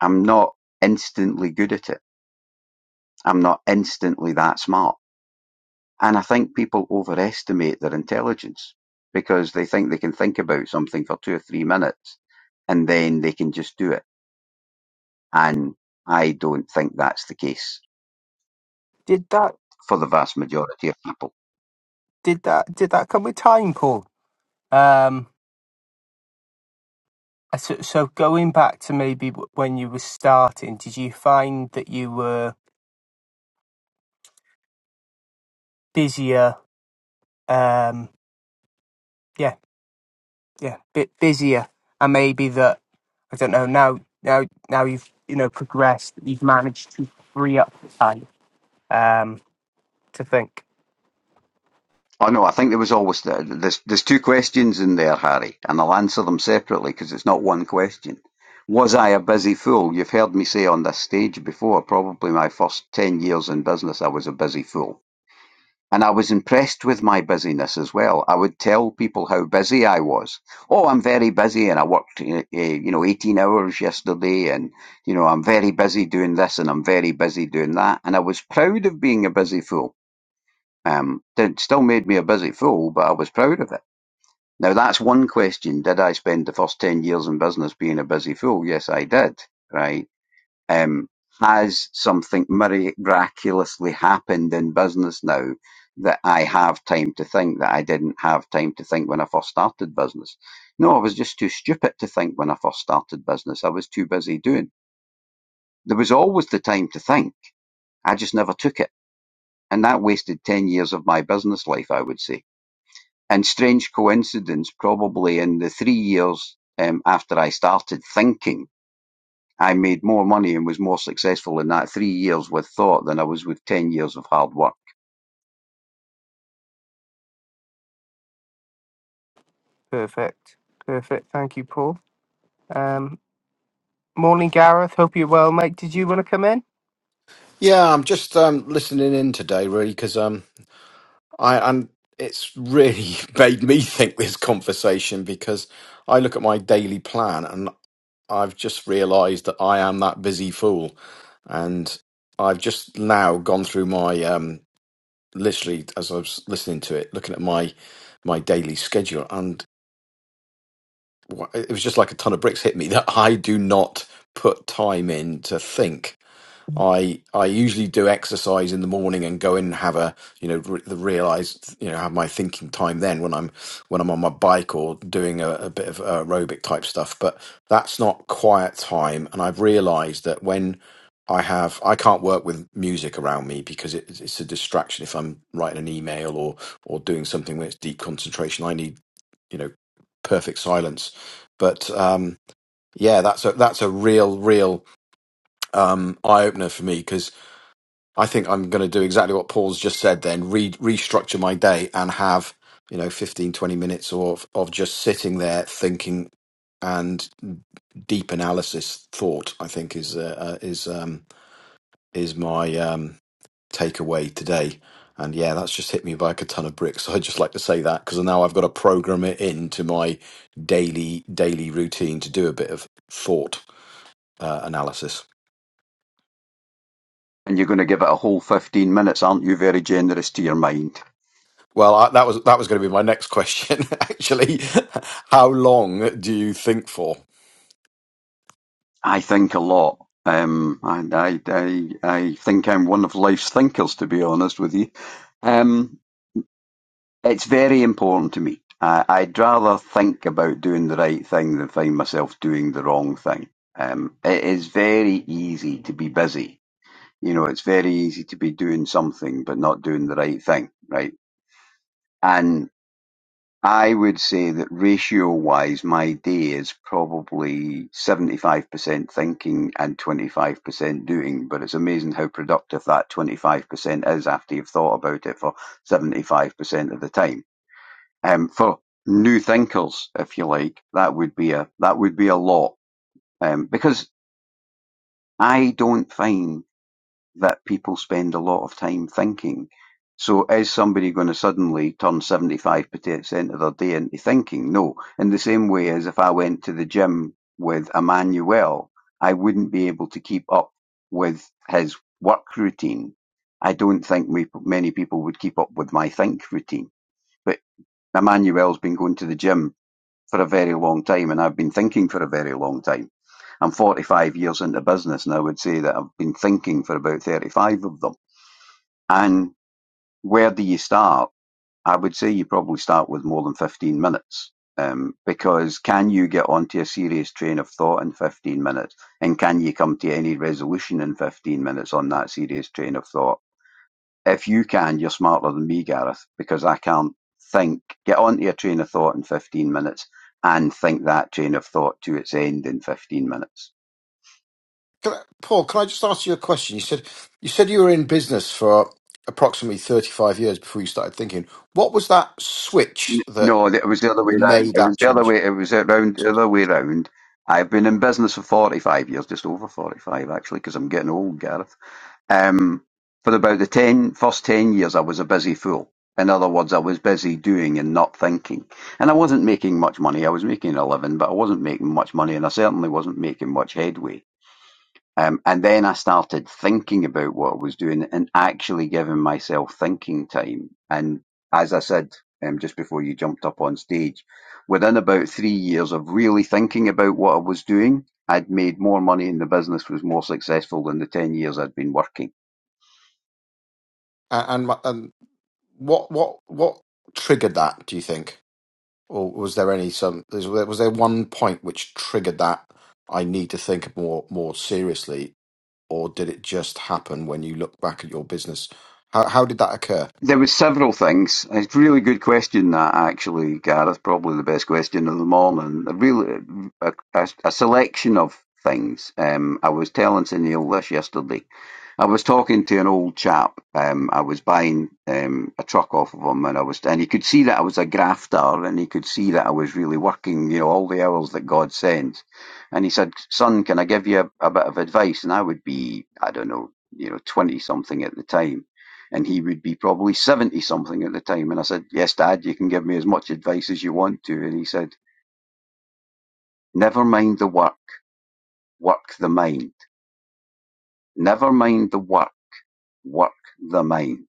Speaker 6: I'm not instantly good at it. I'm not instantly that smart. And I think people overestimate their intelligence because they think they can think about something for two or three minutes and then they can just do it. And I don't think that's the case
Speaker 1: Did that
Speaker 6: for the vast majority of people.
Speaker 1: did that did that come with time, Paul? Um I so, so going back to maybe w- when you were starting, did you find that you were busier um yeah, yeah, bit busier and maybe that I don't know, now now now you've you know progressed, you've managed to free up time um to think.
Speaker 6: Oh no, I think there was always there's there's two questions in there, Harry, and I'll answer them separately because it's not one question. Was I a busy fool? You've heard me say on this stage before, probably my first ten years in business, I was a busy fool And I was impressed with my busyness as well. I would tell people how busy I was. Oh, I'm very busy and I worked, eh, eh, you know, 18 hours yesterday and, you know, I'm very busy doing this and I'm very busy doing that. And I was proud of being a busy fool. Um, it still made me a busy fool, but I was proud of it. Now that's one question. Did I spend the first 10 years in business being a busy fool? Yes, I did. Right um, has something miraculously happened in business now that I have time to think that I didn't have time to think when I first started business? No, I was just too stupid to think when I first started business. I was too busy doing. There was always the time to think. I just never took it. And that wasted 10 years of my business life, I would say. And strange coincidence, probably in the three years um, after I started thinking, I made more money and was more successful in that three years with thought than I was with 10 years of hard work.
Speaker 1: Perfect. Perfect. Thank you, Paul. Um, morning, Gareth. Hope you're well, mate. Did you want to come in?
Speaker 8: Yeah, I'm just um, listening in today, really, because um, I I'm, it's really [laughs] made me think this conversation because I look at my daily plan and I've just realised that I am that busy fool, and I've just now gone through my um, literally as I was listening to it, looking at my my daily schedule, and wha- it was just like a ton of bricks hit me [laughs] that I do not put time in to think. I I usually do exercise in the morning and go in and have a you know re- the realized you know have my thinking time then when I'm when I'm on my bike or doing a, a bit of aerobic type stuff. But that's not quiet time, and I've realized that when I have I can't work with music around me because it, it's a distraction if I'm writing an email or or doing something where it's deep concentration. I need you know perfect silence. But um, yeah, that's a that's a real real um, eye opener for me because I think I'm going to do exactly what Paul's just said then re- restructure my day and have, you know, 15, 20 minutes of, of just sitting there thinking and deep analysis thought, I think is, uh, uh, is, um, is my, um, takeaway today. And yeah, that's just hit me by like a ton of bricks. [laughs] So I'd just like to say that because now I've got to program it into my daily, daily routine to do a bit of thought, uh, analysis.
Speaker 6: And you're going to give it a whole 15 minutes, aren't you? Very generous to your mind.
Speaker 8: Well, I, that was that was going to be my next question. [laughs] Actually, how long do you think for?
Speaker 6: I think a lot. Um, and I, I, I think I'm one of life's thinkers, to be honest with you. Um, it's very important to me. I, I'd rather think about doing the right thing than find myself doing the wrong thing. Um, it is very easy to be busy You know, it's very easy to be doing something but not doing the right thing, right? And I would say that ratio wise, my day is probably 75% thinking and 25% doing, but it's amazing how productive that 25% is after you've thought about it for 75% of the time. Um, for new thinkers, if you like, that would be a, that would be a lot. Um, because I don't find that people spend a lot of time thinking. So is somebody going to suddenly turn 75% of their day into thinking? No. In the same way as if I went to the gym with Emmanuel, I wouldn't be able to keep up with his work routine. I don't think we, many people would keep up with my think routine. But Emmanuel's been going to the gym for a very long time, and I've been thinking for a very long time. I'm 45 years into business, and I would say that I've been thinking for about 35 of them. And where do you start? I would say you probably start with more than 15 minutes. Um, because can you get onto a serious train of thought in 15 minutes? And can you come to any resolution in 15 minutes on that serious train of thought? if you can, you're smarter than me, Gareth, because I can't think, get onto a train of thought in 15 minutes and think that train of thought to its end in 15 minutes.
Speaker 8: Can I, Paul, can I just ask you a question? You said you said you were in business for approximately thirty five years before you started thinking. What was that switch that
Speaker 6: No, it was the other way round.
Speaker 8: made
Speaker 6: It was
Speaker 8: that
Speaker 6: the other
Speaker 8: change?
Speaker 6: way, it was around the
Speaker 8: Sorry.
Speaker 6: other way round. I've been in business for 45 years, just over 45 actually, because I'm getting old, Gareth. Um, for about the ten, first 10 years, I was a busy fool. In other words, I was busy doing and not thinking. And I wasn't making much money. I was making a living, but I wasn't making much money, and I certainly wasn't making much headway. Um, and then I started thinking about what I was doing and actually giving myself thinking time. And as I said um, just before you jumped up on stage, within about three years of really thinking about what I was doing, I'd made more money and the business was more successful than the 10 years I'd been working.
Speaker 8: A- And my- and what what what triggered that? Do you think, or was there any some was there was there one point which triggered that? I need to think more more seriously or did it just happen when you look back at your business? How how did that occur?
Speaker 6: There was several things. It's a really good question, that actually, Gareth. Probably the best question of the morning. A really a, a, a selection of things. Um, I was telling to Neil this yesterday. I was talking to an old chap. Um, I was buying um, a truck off of him, and I was, and he could see that I was a grafter, and he could see that I was really working, you know, all the hours that God sends. And he said, "Son, can I give you a, a bit of advice?" And I would be, I don't know, you know, twenty something at the time and he would be probably 70 something at the time. And I said, Yes, Dad, you can give me as much advice as you want to. And he said, Never mind the work, work the mind. Never mind the work, work the mind.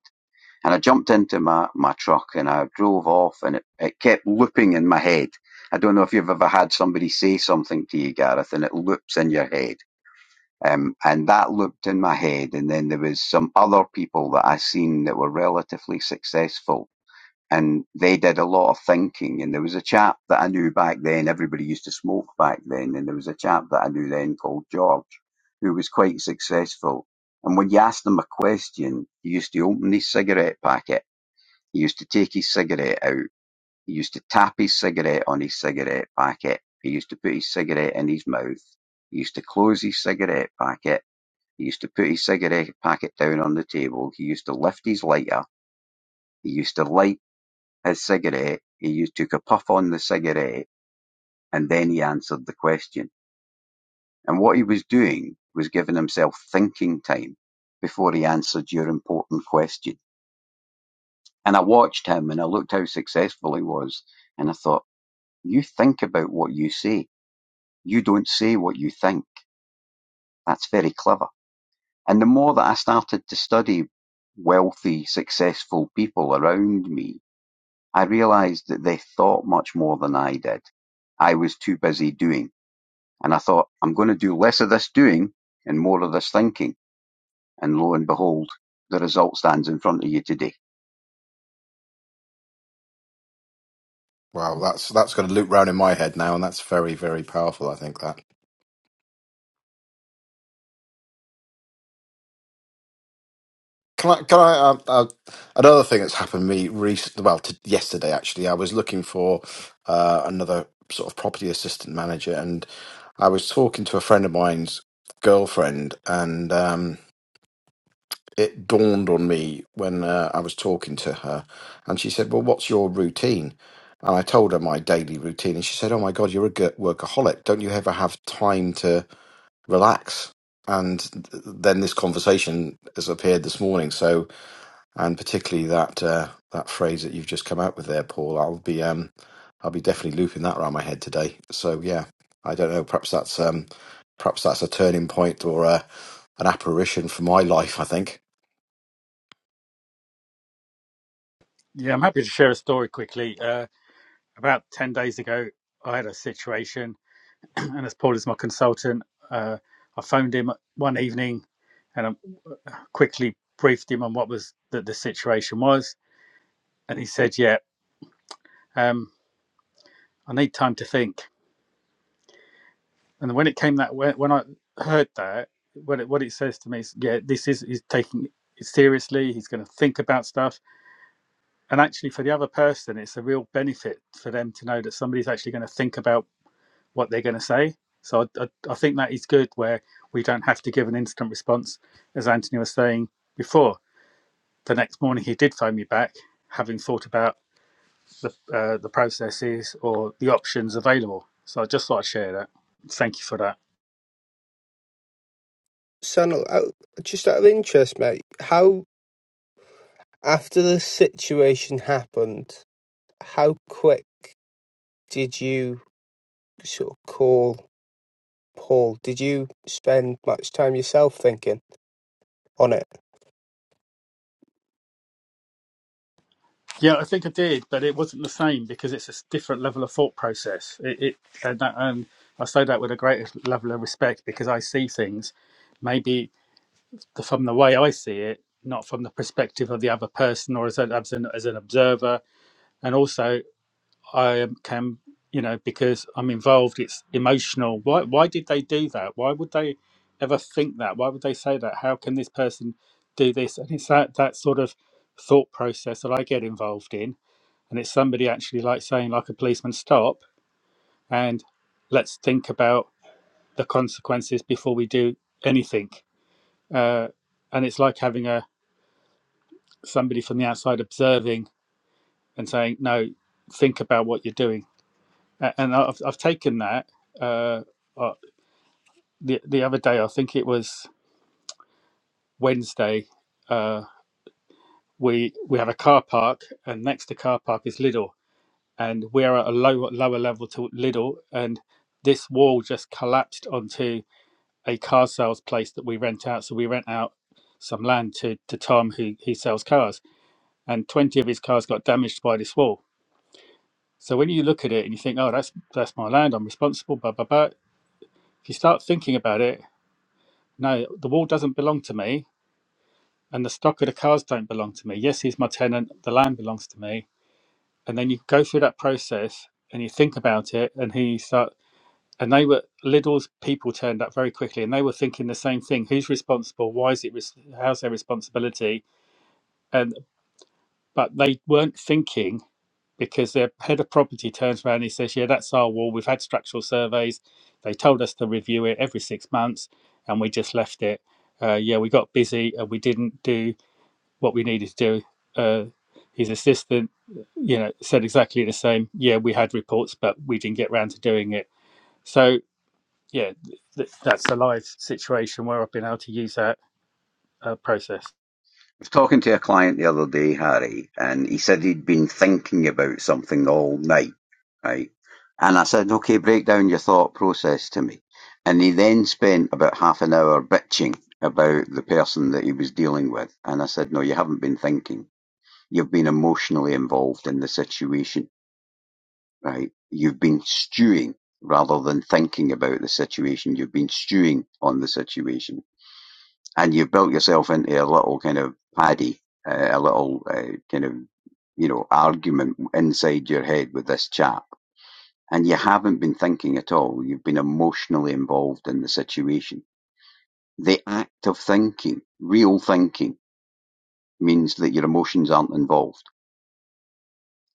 Speaker 6: And I jumped into my, my truck and I drove off and it, it kept looping in my head. I don't know if you've ever had somebody say something to you, Gareth, and it loops in your head. Um, and that looped in my head. And then there was some other people that I seen that were relatively successful and they did a lot of thinking. And there was a chap that I knew back then. Everybody used to smoke back then, and there was a chap that I knew then called George, who was quite successful. And when you asked him a question, he used to open his cigarette packet. He used to take his cigarette out. He used to tap his cigarette on his cigarette packet. He used to put his cigarette in his mouth. He used to close his cigarette packet. He used to put his cigarette packet down on the table. He used to lift his lighter. He used to light his cigarette, he used took a puff on the cigarette, and then he answered the question. And what he was doing was giving himself thinking time before he answered your important question. And I watched him and I looked how successful he was. And I thought, you think about what you say. You don't say what you think. That's very clever. And the more that I started to study wealthy, successful people around me, I realized that they thought much more than I did. I was too busy doing. And I thought, I'm going to do less of this doing and more of this thinking. And lo and behold, the result stands in front of you today. I
Speaker 8: Wow, that's that's going to loop round in my head now, and that's very very powerful. I think that. Can I can I uh, uh, another thing that's happened to me recently? Well, t- yesterday actually, I was looking for uh, another sort of property assistant manager, and I was talking to a friend of mine's girlfriend, and. um, it dawned on me when uh, I was talking to her, and she said, "Well, what's your routine?" And I told her my daily routine, and she said, "Oh my God, you're a g- workaholic. Don't you ever have time to relax?" And th- then this conversation has appeared this morning. So, and particularly that uh, that phrase that you've just come out with there, Paul. I'll be um, I'll be definitely looping that around my head today. So yeah, I don't know. Perhaps that's um, perhaps that's a turning point or a, an apparition for my [laughs] life. I think.
Speaker 4: Yeah, I'm happy to share a story quickly. Uh, about 10 days ago, I had a situation and as Paul is my consultant, uh, I phoned him one evening and I quickly briefed him on what was that the situation was, and he said, "Yeah, um, I need time to think." And when it came that way, when I heard that, what it, what it says to me is, "Yeah, this is he's taking it seriously. He's going to think about stuff." And actually, for the other person, it's a real benefit for them to know that somebody's actually going to think about what they're going to say. So I, I, I think that is good where we don't have to give an instant response, as Anthony was saying before. The next morning he did phone me back, having thought about the uh, the processes or the options available. So I just thought I'd share that. Thank you for that.
Speaker 1: Son, out, just out of interest, mate, how after the situation happened, how quick did you sort of call Paul? Did you spend much time yourself thinking on it?
Speaker 4: Yeah, I think I did, but it wasn't the same because it's a different level of thought process. It, it and, that, and I say that with a great level of respect because I see things. Maybe from the way I see it, not from the perspective of the other person or as an as an, as an observer. And also, I am- can you know because I'm involved, it's emotional. Why why did they do that? Why would they ever think that? Why would they say that? How can this person do this? And it's that that sort of thought process that I get involved in, and it's somebody actually like saying like a policeman stop and let's think about the consequences before we do anything. Uh, and it's like having a somebody from the outside observing and saying, "No, think about what you're doing." And I've I've taken that. Uh, uh, the the other day, I think it was Wednesday. Uh, we we have a car park, and next to car park is Lidl, and we're at a lower lower level to Lidl, and this wall just collapsed onto a car sales place that we rent out. So we rent out some land to to Tom, who he sells cars, and twenty of his cars got damaged by this wall So when you look at it and you think, oh, that's that's my land, I'm responsible, blah blah blah. If you start thinking about it, no, the wall doesn't belong to me, and the stock of the cars don't belong to me. Yes, he's my tenant, the land belongs to me, and then you go through that process and you think about it, and he you start. And they were Lidl's people turned up very quickly, and they were thinking the same thing: who's responsible? Why is it? res- How's their responsibility? And but they weren't thinking. because their head of property turns around and he says, Yeah, that's our wall. We've had structural surveys. They told us to review it every six months and we just left it. Uh, yeah, we got busy and we didn't do what we needed to do. Uh, his assistant, you know, said exactly the same. Yeah, we had reports, but we didn't get round to doing it. So, yeah, th- that's a live situation where I've been able to use that uh, process.
Speaker 6: was talking to a client the other day, Harry, and he said he'd been thinking about something all night, right? And I said, okay, break down your thought process to me. And he then spent about half an hour bitching about the person that he was dealing with. And I said, no, you haven't been thinking. You've been emotionally involved in the situation right? You've been stewing rather than thinking about the situation. You've been stewing on the situation, and you've built yourself into a little kind of paddy, uh, a little uh, kind of you know argument inside your head with this chap, and you haven't been thinking at all. You've been emotionally involved in the situation. The act of thinking, real thinking, means that your emotions aren't involved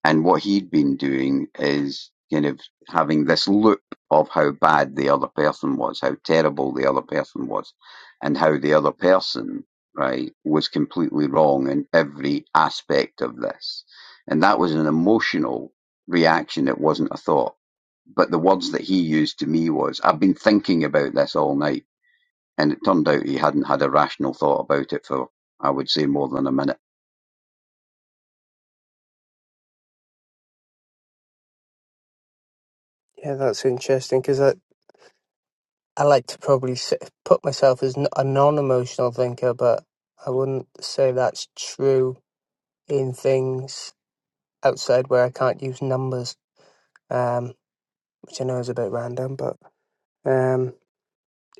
Speaker 6: And what he'd been doing is kind of having this loop of how bad the other person was, how terrible the other person was, and how the other person, right, was completely wrong in every aspect of this. And that was an emotional reaction. It wasn't a thought. But the words that he used to me was, I've been thinking about this all night. And it turned out he hadn't had a rational thought about it for, I would say, more than a minute.
Speaker 1: Yeah, that's interesting because I I like to probably sit, put myself as n- a non-emotional thinker, but I wouldn't say that's true in things. outside where I can't use numbers, um, which I know is a bit random, but um,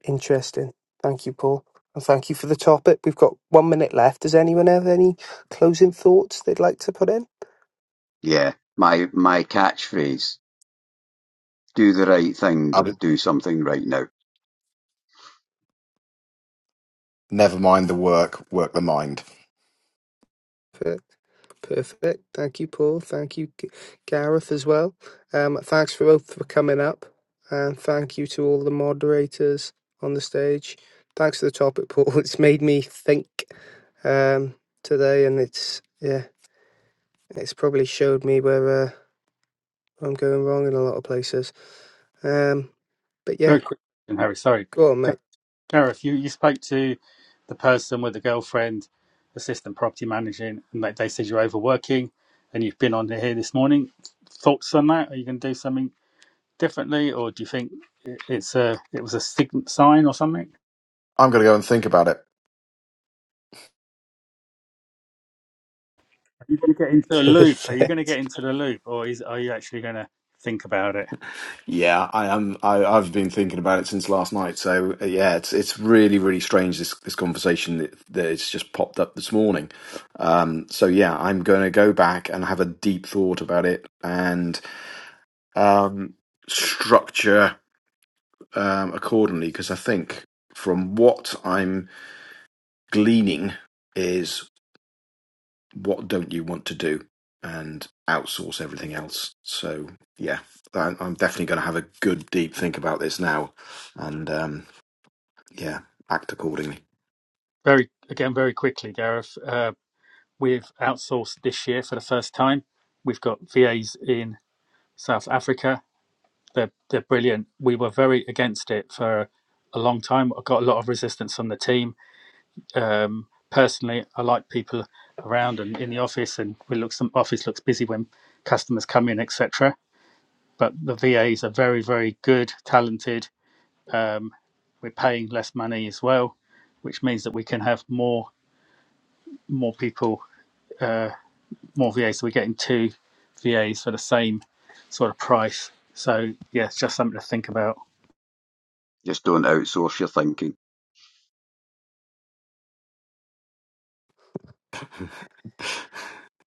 Speaker 1: interesting. Thank you, Paul. And thank you for the topic. We've got one minute left. Does anyone have any closing thoughts they'd like to put in?
Speaker 6: Yeah. My, my catchphrase Do the right thing. Do something right now.
Speaker 8: Never mind the work, work the mind.
Speaker 1: Perfect. Perfect. Thank you, Paul. Thank you, G- Gareth, as well. Um, thanks for both for coming up. And thank you to all the moderators on the stage. Thanks for the topic, Paul. [laughs] It's made me think um, today, and it's, yeah, It's probably showed me where uh, I'm going wrong in a lot of places. Um, but yeah,
Speaker 4: Very quick, question, Harry. Sorry.
Speaker 1: go on, mate.
Speaker 4: Gareth, you, you spoke to the person with the girlfriend, assistant property managing, and they, they said you're overworking and you've been on here this morning. Thoughts on that? Are you going to do something differently or do you think it- it's a it was a sig- sign or something?
Speaker 8: I'm going to go and think about it.
Speaker 4: Are you going to get
Speaker 1: [laughs]
Speaker 4: into a loop? Are you
Speaker 1: Perfect.
Speaker 4: going to get into the loop or is are you actually going to think about it?
Speaker 8: Yeah, I am. I, I've been thinking about it since last night. So uh, yeah, it's it's really really strange this this conversation that, that it's just popped up this morning. Um, so yeah, I'm going to go back and have a deep thought about it and um, structure um, accordingly because I think from what I'm gleaning is what don't you want to do and outsource everything else. So yeah, I- am definitely going to have a good deep think about this now, and um, yeah, act accordingly.
Speaker 4: Very again, very quickly, Gareth. Uh, we've outsourced this year for the first time. We've got VAs in South Africa They're they're brilliant. We were very against it for a long time. I got a lot of resistance from the team. Um, personally, I like people around and in the office, and we look some office looks busy when customers come in, etc. But the VAs are very very good, talented. Um, we're paying less money as well, which means that we can have more more people, uh, more VAs. So we're getting two VAs for the same sort of price. So yeah, it's just something to think about.
Speaker 6: Just don't outsource your thinking.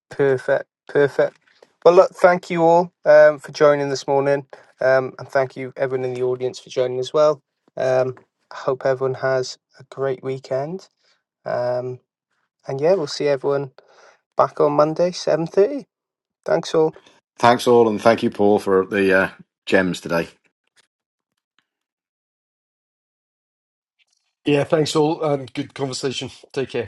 Speaker 1: Perfect. Perfect. Well, look, thank you all um, for joining this morning. Um, and thank you, everyone in the audience, for joining as well. Um, I hope everyone has a great weekend. Um, and yeah, we'll see everyone back on Monday, 7.30. Thanks all.
Speaker 8: Thanks all, and thank you, Paul, for the uh, gems today.
Speaker 2: Yeah, thanks all, and good conversation. Take care.